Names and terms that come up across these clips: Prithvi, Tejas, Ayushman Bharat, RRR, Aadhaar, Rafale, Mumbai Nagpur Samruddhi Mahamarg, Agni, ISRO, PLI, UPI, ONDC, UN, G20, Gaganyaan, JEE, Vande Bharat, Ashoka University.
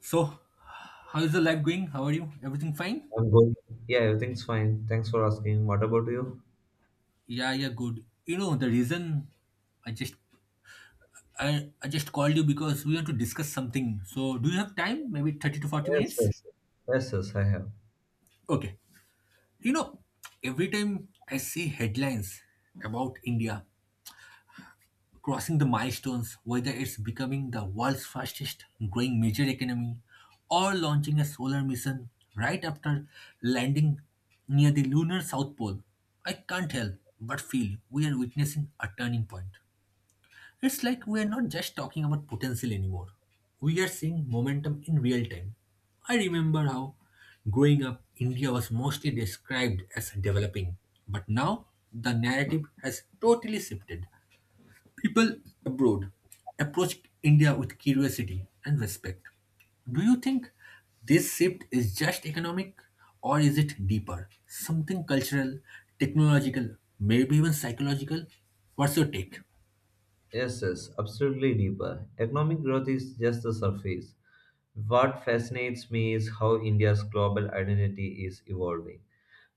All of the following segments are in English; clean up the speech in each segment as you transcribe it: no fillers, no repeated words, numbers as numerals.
So, how is the life going? How are you? Everything fine? I'm good. Yeah, everything's fine. Thanks for asking. What about you? Yeah, yeah, good. You know the reason I just I just called you because we want to discuss something. So, do you have time? Maybe 30 to 40 Yes, minutes? yes, yes, yes, I have. Okay. You know, every time I see headlines about India, crossing the milestones, whether it's becoming the world's fastest growing major economy or launching a solar mission right after landing near the lunar South Pole, I can't help but feel we are witnessing a turning point. It's like we are not just talking about potential anymore, we are seeing momentum in real time. I remember how growing up, India was mostly described as developing, but now the narrative has totally shifted. People abroad approach India with curiosity and respect. Do you think this shift is just economic or is it deeper? Something cultural, technological, maybe even psychological? What's your take? Yes, yes, absolutely deeper. Economic growth is just the surface. What fascinates me is how India's global identity is evolving.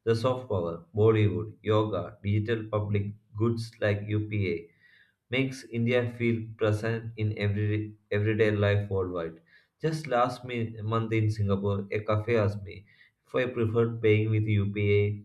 The soft power, Bollywood, yoga, digital public goods like UPA makes India feel present in every everyday life worldwide. Just last month in Singapore, a cafe asked me if I preferred paying with UPA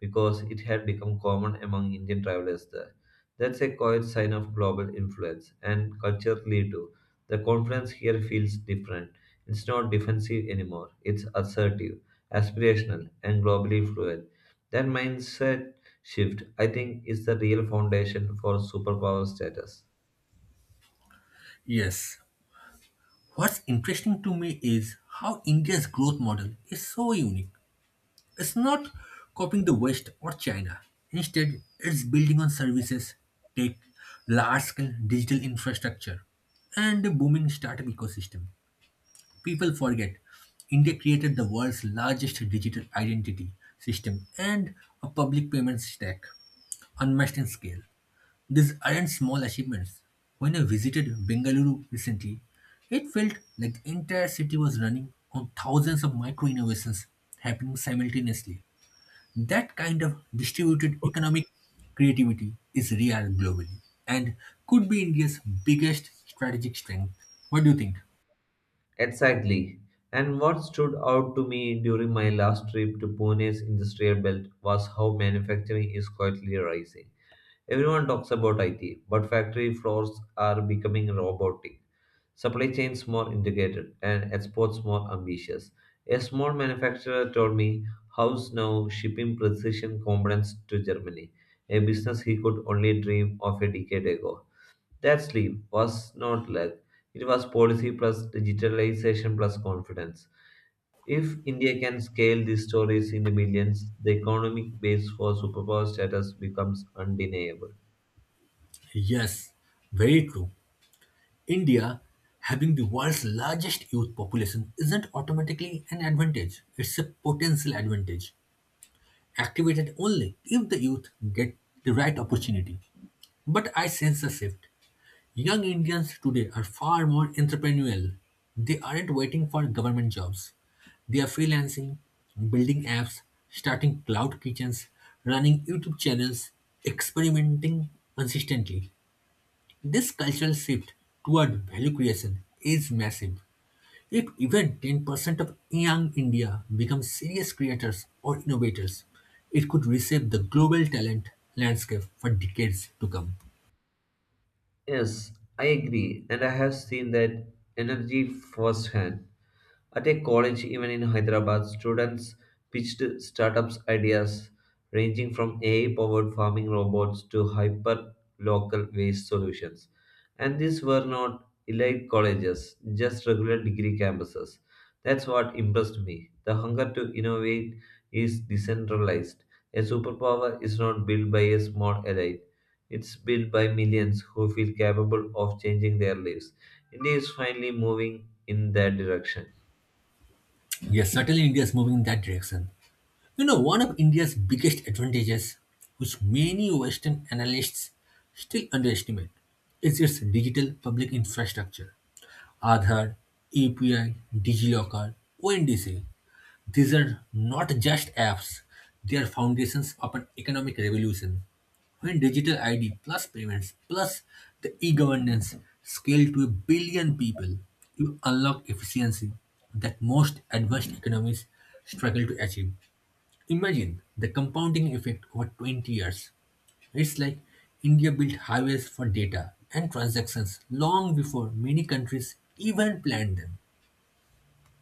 because it had become common among Indian travelers there. That's a quiet sign of global influence, and culturally too. The conference here feels different. It's not defensive anymore, it's assertive, aspirational, and globally fluent. That mindset shift, I think, is the real foundation for superpower status. Yes. What's interesting to me is how India's growth model is so unique. It's not copying the West or China. Instead, it's building on services, tech, large scale digital infrastructure, and a booming startup ecosystem. People forget India created the world's largest digital identity system and a public payment stack, unmatched in scale. These aren't small achievements. When I visited Bengaluru recently, it felt like the entire city was running on thousands of micro innovations happening simultaneously. That kind of distributed economic creativity is rare globally and could be India's biggest strategic strength. What do you think? Exactly. And what stood out to me during my last trip to Pune's industrial belt was how manufacturing is quietly rising. Everyone talks about IT, but factory floors are becoming robotic, supply chains more integrated, and exports more ambitious. A small manufacturer told me how's now shipping precision components to Germany, a business he could only dream of a decade ago. That sleep was not luck, it was policy plus digitalization plus confidence. If India can scale these stories into millions, the economic base for superpower status becomes undeniable. Yes, very true. India having the world's largest youth population isn't automatically an advantage, it's a potential advantage, activated only if the youth get the right opportunity. But I sense a shift. Young Indians today are far more entrepreneurial. They aren't waiting for government jobs. They are freelancing, building apps, starting cloud kitchens, running YouTube channels, experimenting consistently. This cultural shift toward value creation is massive. If even 10% of young India become serious creators or innovators, it could reshape the global talent landscape for decades to come. Yes, I agree, and I have seen that energy firsthand. At a college, even in Hyderabad, students pitched startups ideas ranging from AI powered farming robots to hyper local waste solutions. And these were not elite colleges, just regular degree campuses. That's what impressed me. The hunger to innovate is decentralized. A superpower is not built by a small elite. It's built by millions who feel capable of changing their lives. India is finally moving in that direction. Yes, certainly India is moving in that direction. You know, one of India's biggest advantages, which many Western analysts still underestimate, is its digital public infrastructure. Aadhaar, API, DigiLocker, ONDC. These are not just apps, they are foundations of an economic revolution. When digital ID plus payments plus the e governance scale to a billion people, you unlock efficiency that most advanced economies struggle to achieve. Imagine the compounding effect over 20 years. It's like India built highways for data and transactions long before many countries even planned them.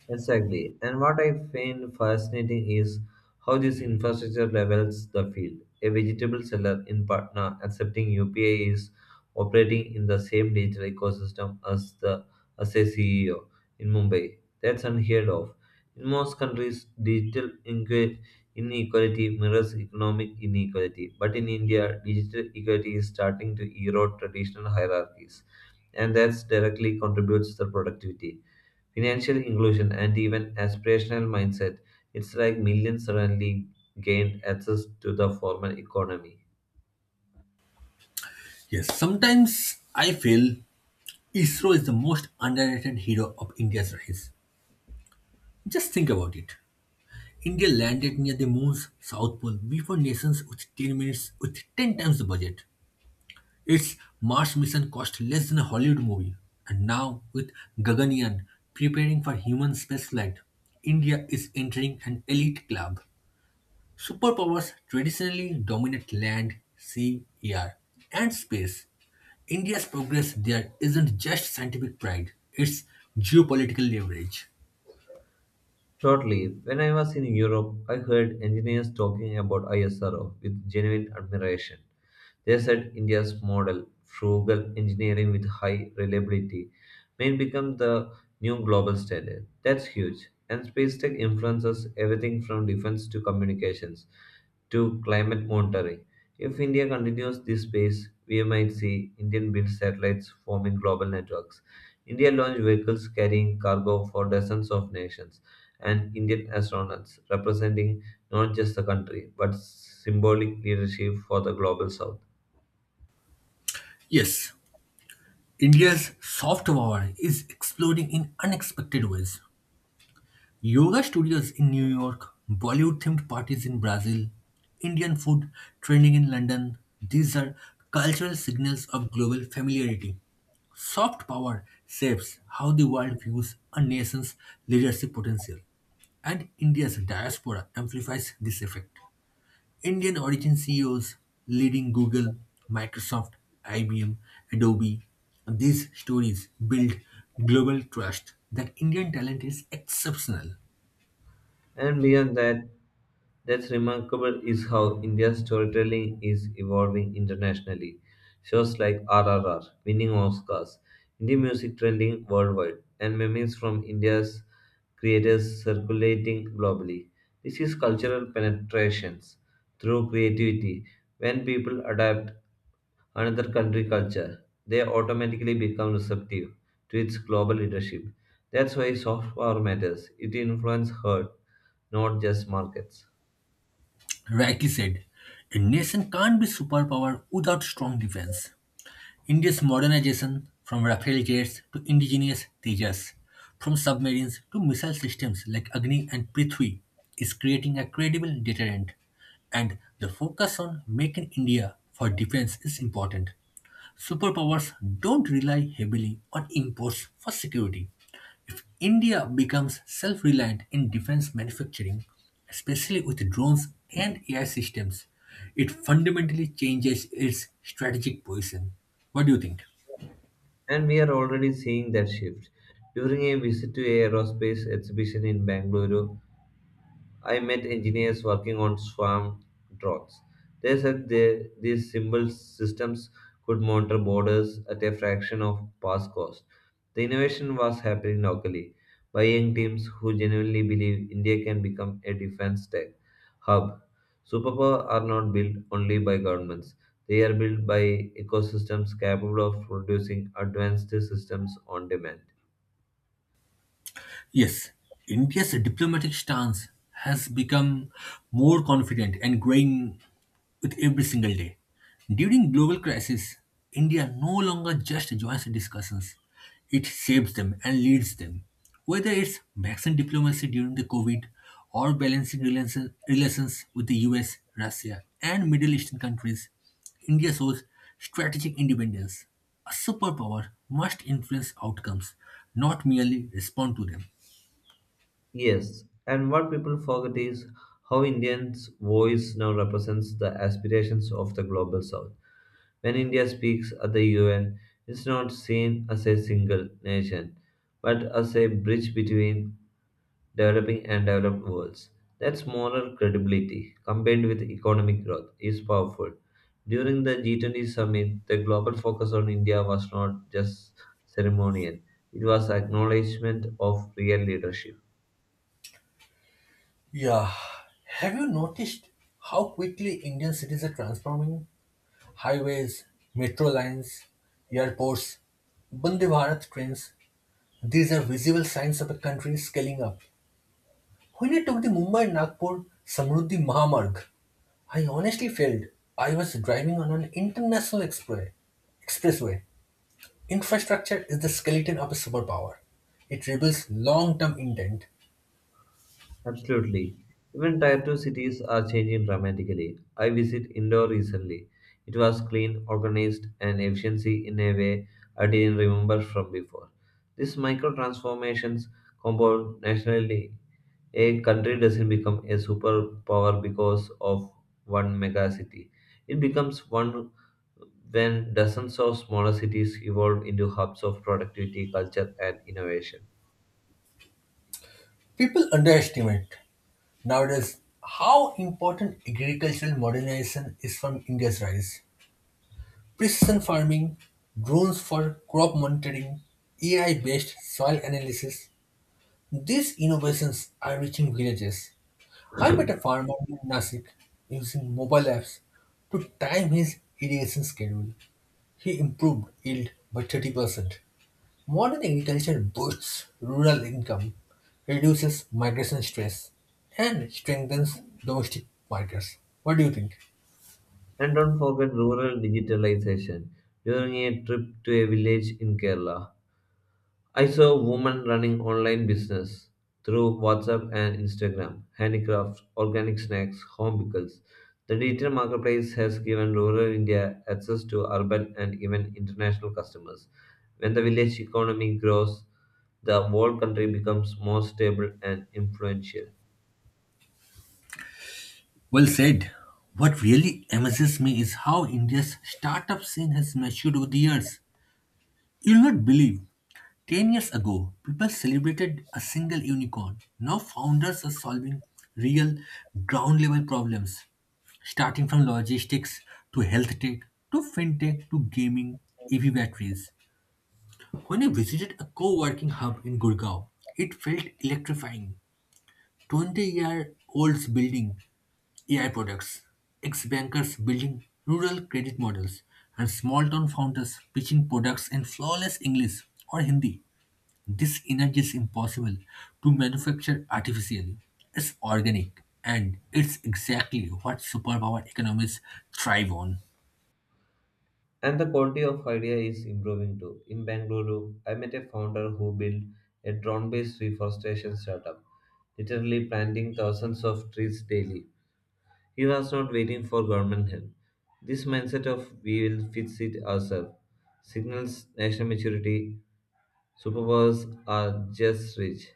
Exactly. And what I find fascinating is how this infrastructure levels the field. A vegetable seller in Patna accepting UPI is operating in the same digital ecosystem as the as a CEO in Mumbai. That's unheard of. In most countries, inequality mirrors economic inequality. But in India, digital equality is starting to erode traditional hierarchies, and that directly contributes to productivity. Financial inclusion and even aspirational mindset. It's like millions suddenly gained access to the formal economy. Yes, sometimes I feel ISRO is the most underrated hero of India's rise. Just think about it. India landed near the moon's south pole before nations with 10 minutes with 10 times the budget. Its Mars mission cost less than a Hollywood movie, and now with Gaganyaan preparing for human spaceflight, India is entering an elite club. Superpowers traditionally dominate land, sea, air, and space. India's progress there isn't just scientific pride, it's geopolitical leverage. Totally. When I was in Europe, I heard engineers talking about ISRO with genuine admiration. They said India's model, frugal engineering with high reliability, may become the new global standard. That's huge. And space tech influences everything from defense to communications to climate monitoring. If India continues this pace, we might see Indian built satellites forming global networks, India launched vehicles carrying cargo for dozens of nations and Indian astronauts, representing not just the country but symbolic leadership for the global south. Yes, India's soft power is exploding in unexpected ways. Yoga studios in New York, Bollywood themed parties in Brazil, Indian food trending in London, these are cultural signals of global familiarity. Soft power shapes how the world views a nation's leadership potential, and India's diaspora amplifies this effect. Indian origin CEOs leading Google, Microsoft, IBM, Adobe, these stories build global trust that Indian talent is exceptional. And beyond that, that's remarkable is how India's storytelling is evolving internationally. Shows like RRR, winning Oscars, Indian music trending worldwide, and memes from India's creators circulating globally. This is cultural penetrations through creativity. When people adapt another country culture, they automatically become receptive to its global leadership. That's why soft power matters. It influences herd, not just markets. Rightly said, a nation can't be superpower without strong defense. India's modernization, from Rafale jets to indigenous Tejas, from submarines to missile systems like Agni and Prithvi, is creating a credible deterrent. And the focus on making India for defense is important. Superpowers don't rely heavily on imports for security. If India becomes self-reliant in defense manufacturing, especially with drones and AI systems, it fundamentally changes its strategic position. What do you think? And we are already seeing that shift. During a visit to an aerospace exhibition in Bangalore, I met engineers working on swarm drones. These simple systems could monitor borders at a fraction of past cost. The innovation was happening locally by young teams who genuinely believe India can become a defense tech hub. Superpower are not built only by governments. They are built by ecosystems capable of producing advanced systems on demand. Yes, India's diplomatic stance has become more confident and growing with every single day. During global crisis, India no longer just joins discussions, it shapes them and leads them. Whether it's vaccine diplomacy during the COVID or balancing relations with the US, Russia, and Middle Eastern countries, India shows strategic independence. A superpower must influence outcomes, not merely respond to them. Yes, and what people forget is how Indians' voice now represents the aspirations of the global south. When India speaks at the UN, it's not seen as a single nation, but as a bridge between developing and developed worlds. That's moral credibility combined with economic growth is powerful. During the G20 summit, the global focus on India was not just ceremonial, it was acknowledgement of real leadership. Yeah. Have you noticed how quickly Indian cities are transforming? Highways, metro lines, airports, Vande Bharat trains, these are visible signs of a country scaling up. When I took the Mumbai Nagpur Samruddhi Mahamarg, I honestly felt I was driving on an international expressway. Infrastructure is the skeleton of a superpower. It reveals long term intent. Absolutely. Even tier 2 cities are changing dramatically. I visited Indore recently. It was clean, organized, and efficiency in a way I didn't remember from before. These micro transformations compound nationally. A country doesn't become a superpower because of one mega city. It becomes one when dozens of smaller cities evolve into hubs of productivity, culture, and innovation. People underestimate nowadays how important agricultural modernization is from India's rise. Precision farming, drones for crop monitoring, AI based soil analysis, these innovations are reaching villages. I met a farmer in Nasik using mobile apps to time his irrigation schedule. He improved yield by 30%. Modern agriculture boosts rural income, reduces migration stress, and strengthens domestic markets. What do you think? And don't forget rural digitalization. During a trip to a village in Kerala, I saw a woman running online business through WhatsApp and Instagram, handicrafts, organic snacks, home pickles. The digital marketplace has given rural India access to urban and even international customers. When the village economy grows, the whole country becomes more stable and influential. Well said. What really amazes me is how India's startup scene has matured over the years. You'll not believe. 10 years ago, people celebrated a single unicorn. Now founders are solving real ground level problems, starting from logistics to health tech to fintech to gaming EV batteries. When I visited a co working hub in Gurgaon, it felt electrifying. 20-year-olds building AI products, ex-bankers building rural credit models, and small-town founders pitching products in flawless English or Hindi. This energy is impossible to manufacture artificially. It's organic, and it's exactly what superpower economies thrive on. And the quality of idea is improving too. In Bangalore, I met a founder who built a drone-based reforestation startup, literally planting thousands of trees daily. He was not waiting for government help. This mindset of we will fix it ourselves signals national maturity. Superpowers are just rich.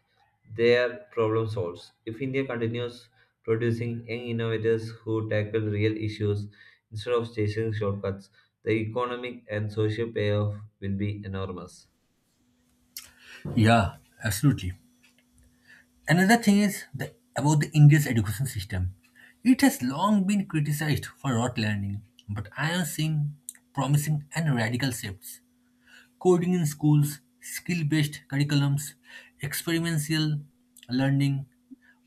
They are problem solvers. If India continues producing young innovators who tackle real issues instead of chasing shortcuts, the economic and social payoff will be enormous. Yeah, absolutely. Another thing is about the India's education system. It has long been criticized for rote learning, but I am seeing promising and radical shifts. Coding in schools, skill based curriculums, experiential learning,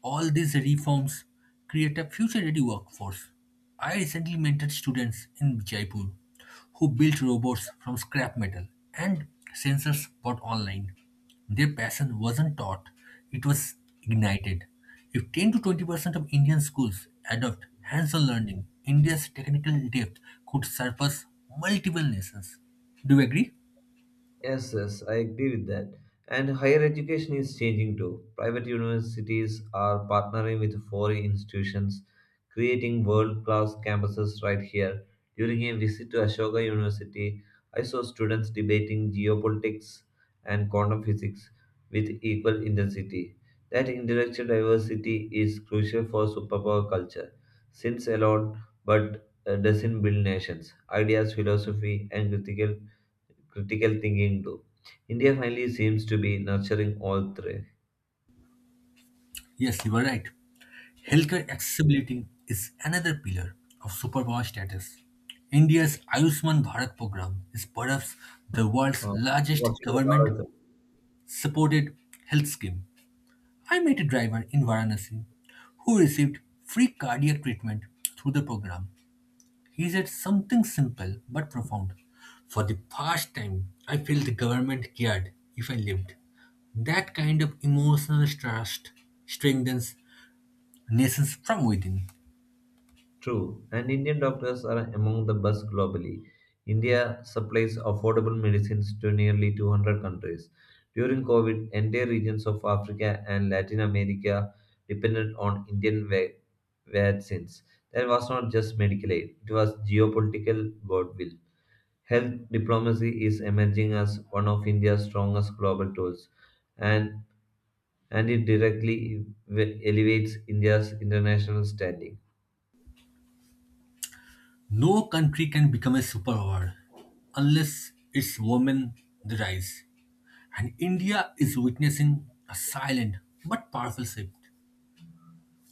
all these reforms create a future ready workforce. I recently mentored students in Jaipur who built robots from scrap metal and sensors bought online. Their passion wasn't taught, it was ignited. If 10 to 20% of Indian schools adopt hands on learning, India's technical depth could surpass multiple nations. Do you agree? Yes, yes, I agree with that. And higher education is changing too. Private universities are partnering with foreign institutions, creating world class campuses right here. During a visit to Ashoka University, I saw students debating geopolitics and quantum physics with equal intensity. That intellectual diversity is crucial for superpower culture, since alone but doesn't build nations. Ideas, philosophy, and critical thinking too. India finally seems to be nurturing all three. Yes, you are right. Healthcare accessibility is another pillar of superpower status. India's Ayushman Bharat program is perhaps the world's Uh, largest Watching the government dollars. supported health scheme. I met a driver in Varanasi who received free cardiac treatment through the program. He said something simple but profound. For the first time, I feel the government cared if I lived. That kind of emotional trust strengthens nations from within. True, and Indian doctors are among the best globally. India supplies affordable medicines to nearly 200 countries. During COVID, entire regions of Africa and Latin America depended on Indian vaccines. That was not just medical aid, it was geopolitical goodwill. Health diplomacy is emerging as one of India's strongest global tools and and it directly elevates India's international standing. No country can become a superpower unless its women they rise. And India is witnessing a silent but powerful shift.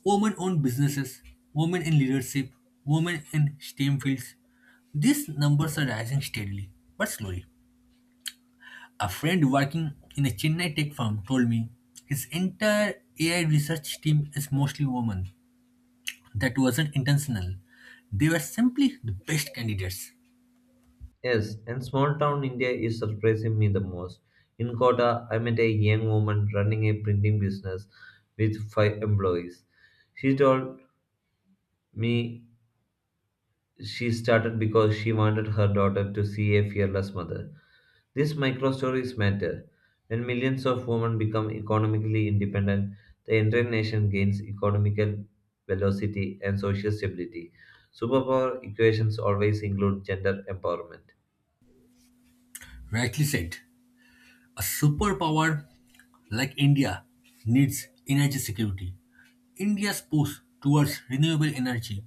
Women own businesses, women in leadership, women in STEM fields. These numbers are rising steadily but slowly. A friend working in a Chennai tech firm told me his entire AI research team is mostly women. That wasn't intentional. They were simply the best candidates. Yes, and small town India is surprising me the most. In Kota, I met a young woman running a printing business with 5 employees. She told me she started because she wanted her daughter to see a fearless mother. These micro stories matter. When millions of women become economically independent, the entire nation gains economical velocity and social stability. Superpower equations always include gender empowerment. Rightly said. A superpower like India needs energy security. India's push towards renewable energy,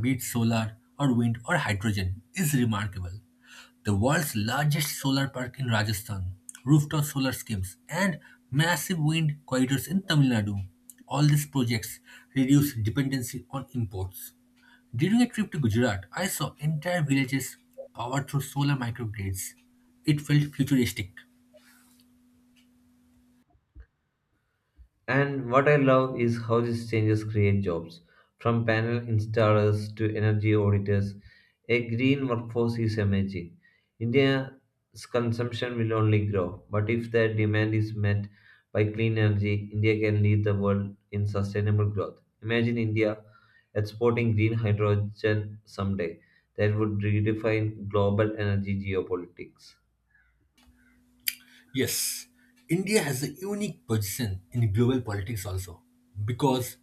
be it solar or wind or hydrogen, is remarkable. The world's largest solar park in Rajasthan, rooftop solar schemes, and massive wind corridors in Tamil Nadu. All these projects reduce dependency on imports. During a trip to Gujarat, I saw entire villages powered through solar microgrids. It felt futuristic. And what I love is how these changes create jobs. From panel installers to energy auditors, a green workforce is emerging. India's consumption will only grow, but if the demand is met by clean energy, India can lead the world in sustainable growth. Imagine India exporting green hydrogen someday. That would redefine global energy geopolitics. Yes, India has a unique position in global politics also because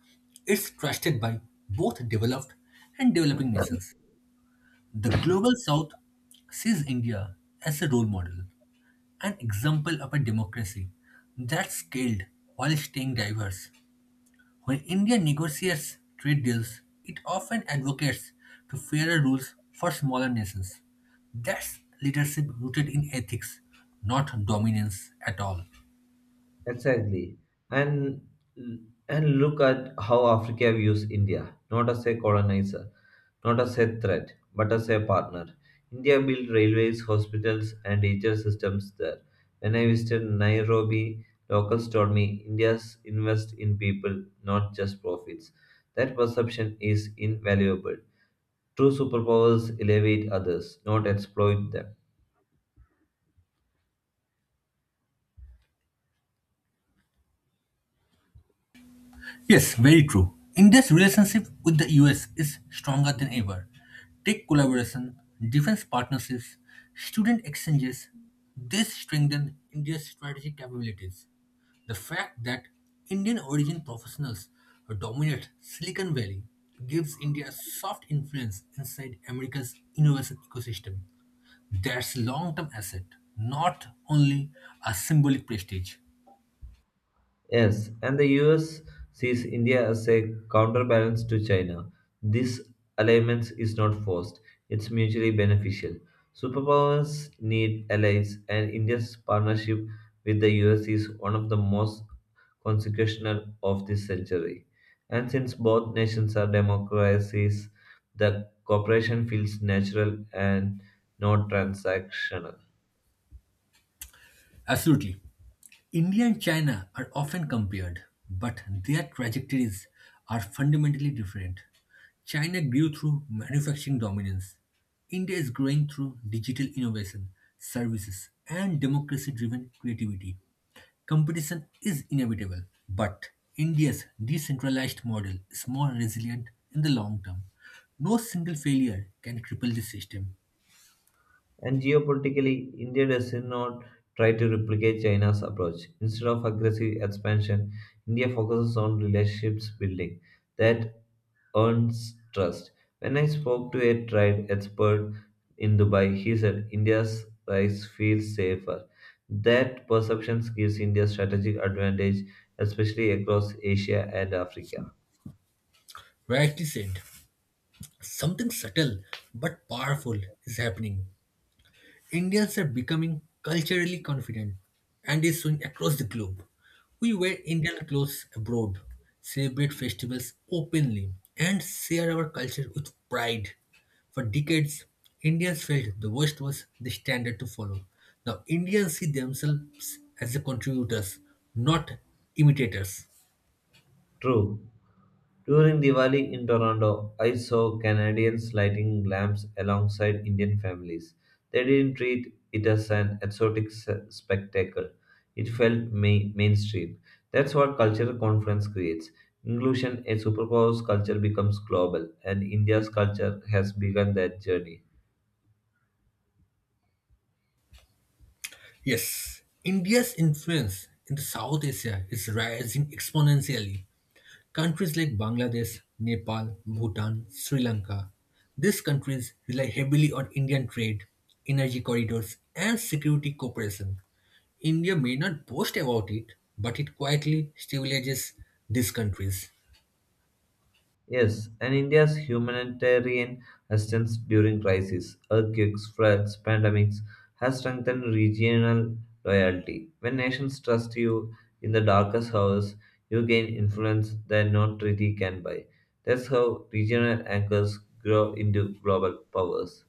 it's trusted by both developed and developing nations. The global south sees India as a role model, an example of a democracy that's scaled while staying diverse. When India negotiates trade deals, it often advocates to fairer rules for smaller nations. That's leadership rooted in ethics, not dominance at all. Exactly. And and look at how Africa views India, not as a colonizer, not as a threat, but as a partner. India built railways, hospitals, and teacher systems there. When I visited Nairobi, locals told me India's invest in people, not just profits. That perception is invaluable. True superpowers elevate others, not exploit them. Yes, very true. India's relationship with the US is stronger than ever. Tech collaboration, defense partnerships, student exchanges, they strengthen India's strategic capabilities. The fact that Indian origin professionals dominate Silicon Valley gives India a soft influence inside America's innovation ecosystem. That's long-term asset, not only a symbolic prestige. Yes, and the US sees India as a counterbalance to China. This alignment is not forced, it's mutually beneficial. Superpowers need allies, and India's partnership with the US is one of the most consequential of this century. And since both nations are democracies, the cooperation feels natural and not transactional. Absolutely. India and China are often compared, but their trajectories are fundamentally different. China grew through manufacturing dominance. India is growing through digital innovation, services, and democracy driven creativity. Competition is inevitable, but India's decentralized model is more resilient in the long term. No single failure can cripple the system. And geopolitically, India does not try to replicate China's approach. Instead of aggressive expansion, India focuses on relationships building that earns trust. When I spoke to a trade expert in Dubai, he said India's rise feels safer. That perception gives India strategic advantage, especially across Asia and Africa. Rightly said, something subtle but powerful is happening. Indians are becoming culturally confident and is soon across the globe. We wear Indian clothes abroad, celebrate festivals openly, and share our culture with pride. For decades, Indians felt the West was the standard to follow. Now, Indians see themselves as the contributors, not imitators. True. During Diwali in Toronto, I saw Canadians lighting lamps alongside Indian families. They didn't treat it as an exotic spectacle. It felt mainstream. That's what cultural conference creates. Inclusion, a superpower's culture becomes global, and India's culture has begun that journey. Yes, India's influence in the South Asia is rising exponentially. Countries like Bangladesh, Nepal, Bhutan, Sri Lanka. These countries rely heavily on Indian trade, energy corridors, and security cooperation. India may not boast about it, but it quietly stabilizes these countries. Yes, and India's humanitarian assistance during crises, earthquakes, floods, pandemics, has strengthened regional loyalty. When nations trust you in the darkest hours, you gain influence that no treaty can buy. That's how regional anchors grow into global powers.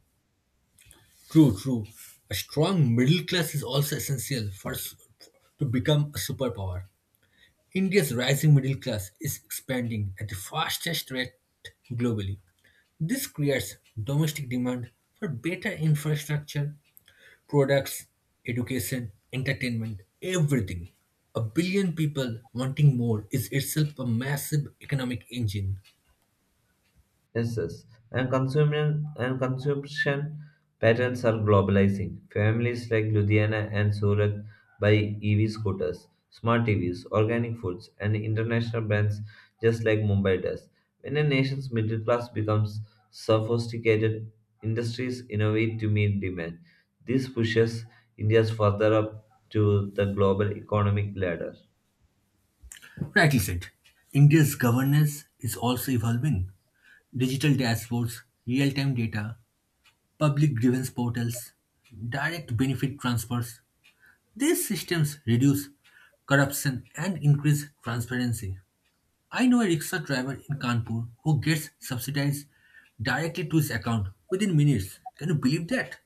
True, true. A strong middle class is also essential for to become a superpower. India's rising middle class is expanding at the fastest rate globally. This creates domestic demand for better infrastructure products, education, entertainment, everything. A billion people wanting more is itself a massive economic engine. Yes, yes. And consumption patterns are globalizing. Families like Ludhiana and Surat buy EV scooters, smart TVs, organic foods, and international brands just like Mumbai does. When a nation's middle class becomes sophisticated, industries innovate to meet demand. This pushes India further up to the global economic ladder. Rightly said. India's governance is also evolving. Digital dashboards, real time data, public grievance portals, direct benefit transfers. These systems reduce corruption and increase transparency. I know a rickshaw driver in Kanpur who gets subsidized directly to his account within minutes. Can you believe that?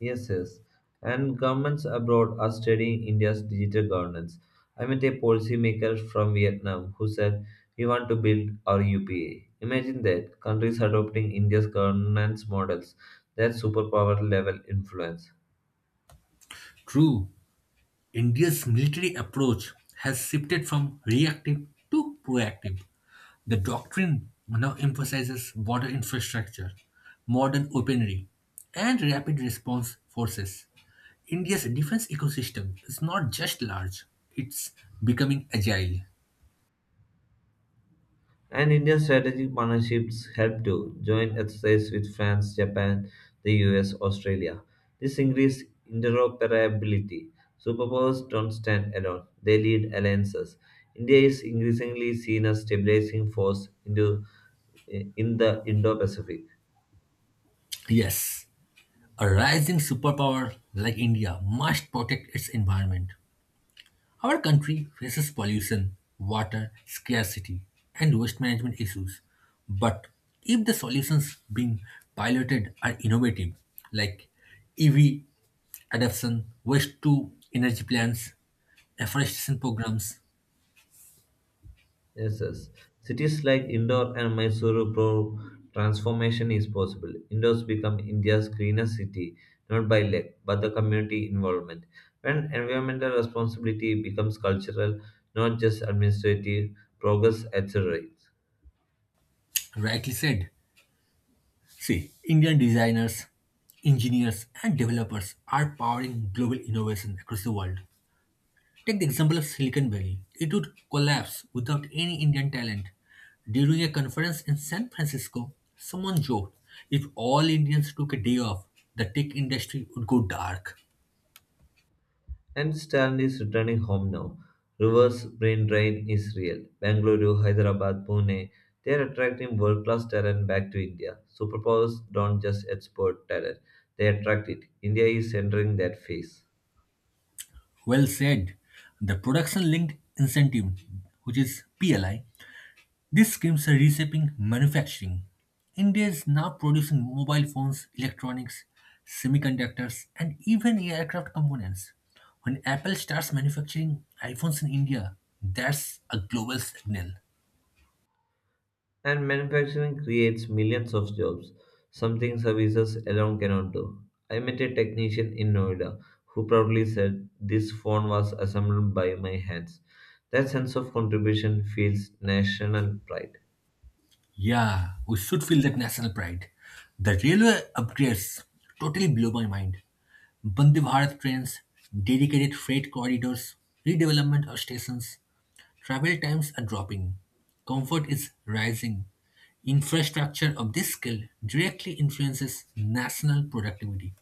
Yes, yes. And governments abroad are studying India's digital governance. I met a policymaker from Vietnam who said, we want to build our UPA. Imagine that countries adopting India's governance models, that superpower level influence. True, India's military approach has shifted from reactive to proactive. The doctrine now emphasizes border infrastructure, modern weaponry, and rapid response forces. India's defense ecosystem is not just large, it's becoming agile. And India's strategic partnerships help to joint exercise with France, Japan, the US, Australia. This increases interoperability. Superpowers don't stand alone, they lead alliances. India is increasingly seen as stabilizing force in the Indo-Pacific. Yes, a rising superpower like India must protect its environment. Our country faces pollution, water scarcity, and waste management issues. But if the solutions being piloted are innovative, like EV adoption, waste to energy plants, afforestation programs, Yes, yes. Cities like Indore and Mysuru prove transformation is possible. Indore's become India's greenest city, not by luck, but the community involvement. When environmental responsibility becomes cultural, not just administrative, progress accelerates. rightly said. See, Indian designers, engineers, and developers are powering global innovation across the world. Take the example of Silicon Valley. It would collapse without any Indian talent. During a conference in San Francisco, someone joked, if all Indians took a day off, the tech industry would go dark. And Stan is returning home now. Reverse brain drain is real. Bangalore, Hyderabad, Pune, they are attracting world class talent back to India. Superpowers don't just export talent, they attract it. India is entering that phase. Well said. The production linked incentive, which is PLI, these schemes are reshaping manufacturing. India is now producing mobile phones, electronics, semiconductors, and even aircraft components. When Apple starts manufacturing iPhones in India, that's a global signal. And manufacturing creates millions of jobs, something services alone cannot do. I met a technician in Noida who proudly said, this phone was assembled by my hands. That sense of contribution feels national pride. Yeah, we should feel that national pride. The railway upgrades totally blow my mind. Bande Bharat trains, dedicated freight corridors, redevelopment of stations, travel times are dropping, comfort is rising. Infrastructure of this scale directly influences national productivity.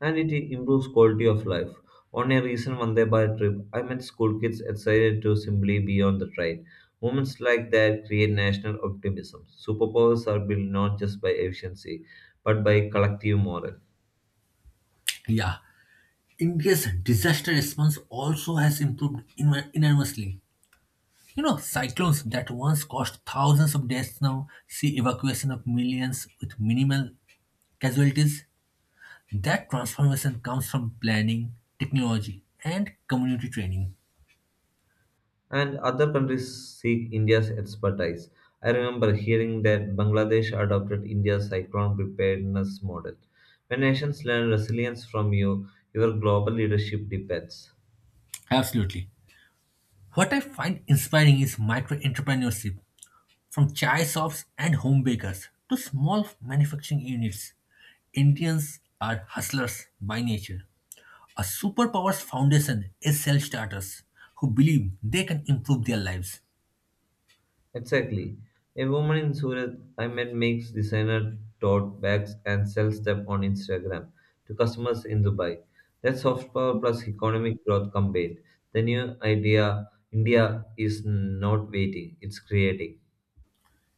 And it improves quality of life. On a recent Vande Bharat trip, I met school kids excited to simply be on the train. Moments like that create national optimism. Superpowers are built not just by efficiency, but by collective morale. Yeah, India's disaster response also has improved enormously. You know, cyclones that once caused thousands of deaths now see evacuation of millions with minimal casualties. That transformation comes from planning, technology, and community training. And other countries seek India's expertise. I remember hearing that Bangladesh adopted India's cyclone preparedness model. When nations learn resilience from you, your global leadership depends. Absolutely. What I find inspiring is micro entrepreneurship. From chai shops and home bakers to small manufacturing units, Indians are hustlers by nature. A superpower's foundation is self starters who believe they can improve their lives. Exactly. A woman in Surat I met makes designer tote bags and sells them on Instagram to customers in Dubai. That's soft power plus economic growth combined. The new idea India is not waiting, it's creating.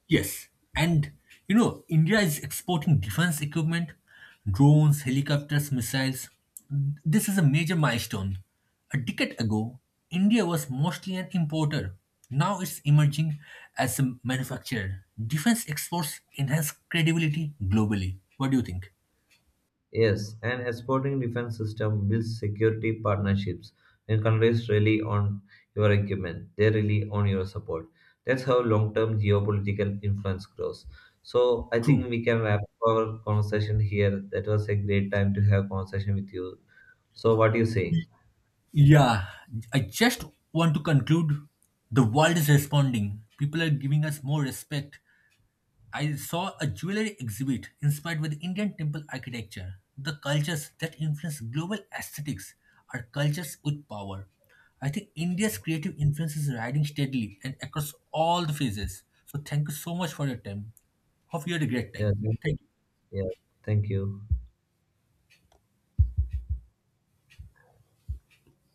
Yes, and you know, India is exporting defense equipment, drones, helicopters, missiles. This is a major milestone. A decade ago, India was mostly an importer. Now it's emerging as a manufacturer. Defense exports enhance credibility globally. What do you think? Yes, an exporting defense system builds security partnerships. When countries rely on your equipment, they rely on your support. That's how long term geopolitical influence grows. So I think True. we can wrap our conversation here. That was a great time to have conversation with you. So what do you say? Yeah, I just want to conclude the world is responding. People are giving us more respect. I saw a jewelry exhibit inspired with Indian temple architecture. The cultures that influence global aesthetics are cultures with power. I think India's creative influence is riding steadily and across all the phases. So thank you so much for your time. Hope you had a great Yeah, time. thank you. Thank you. Yeah, thank you.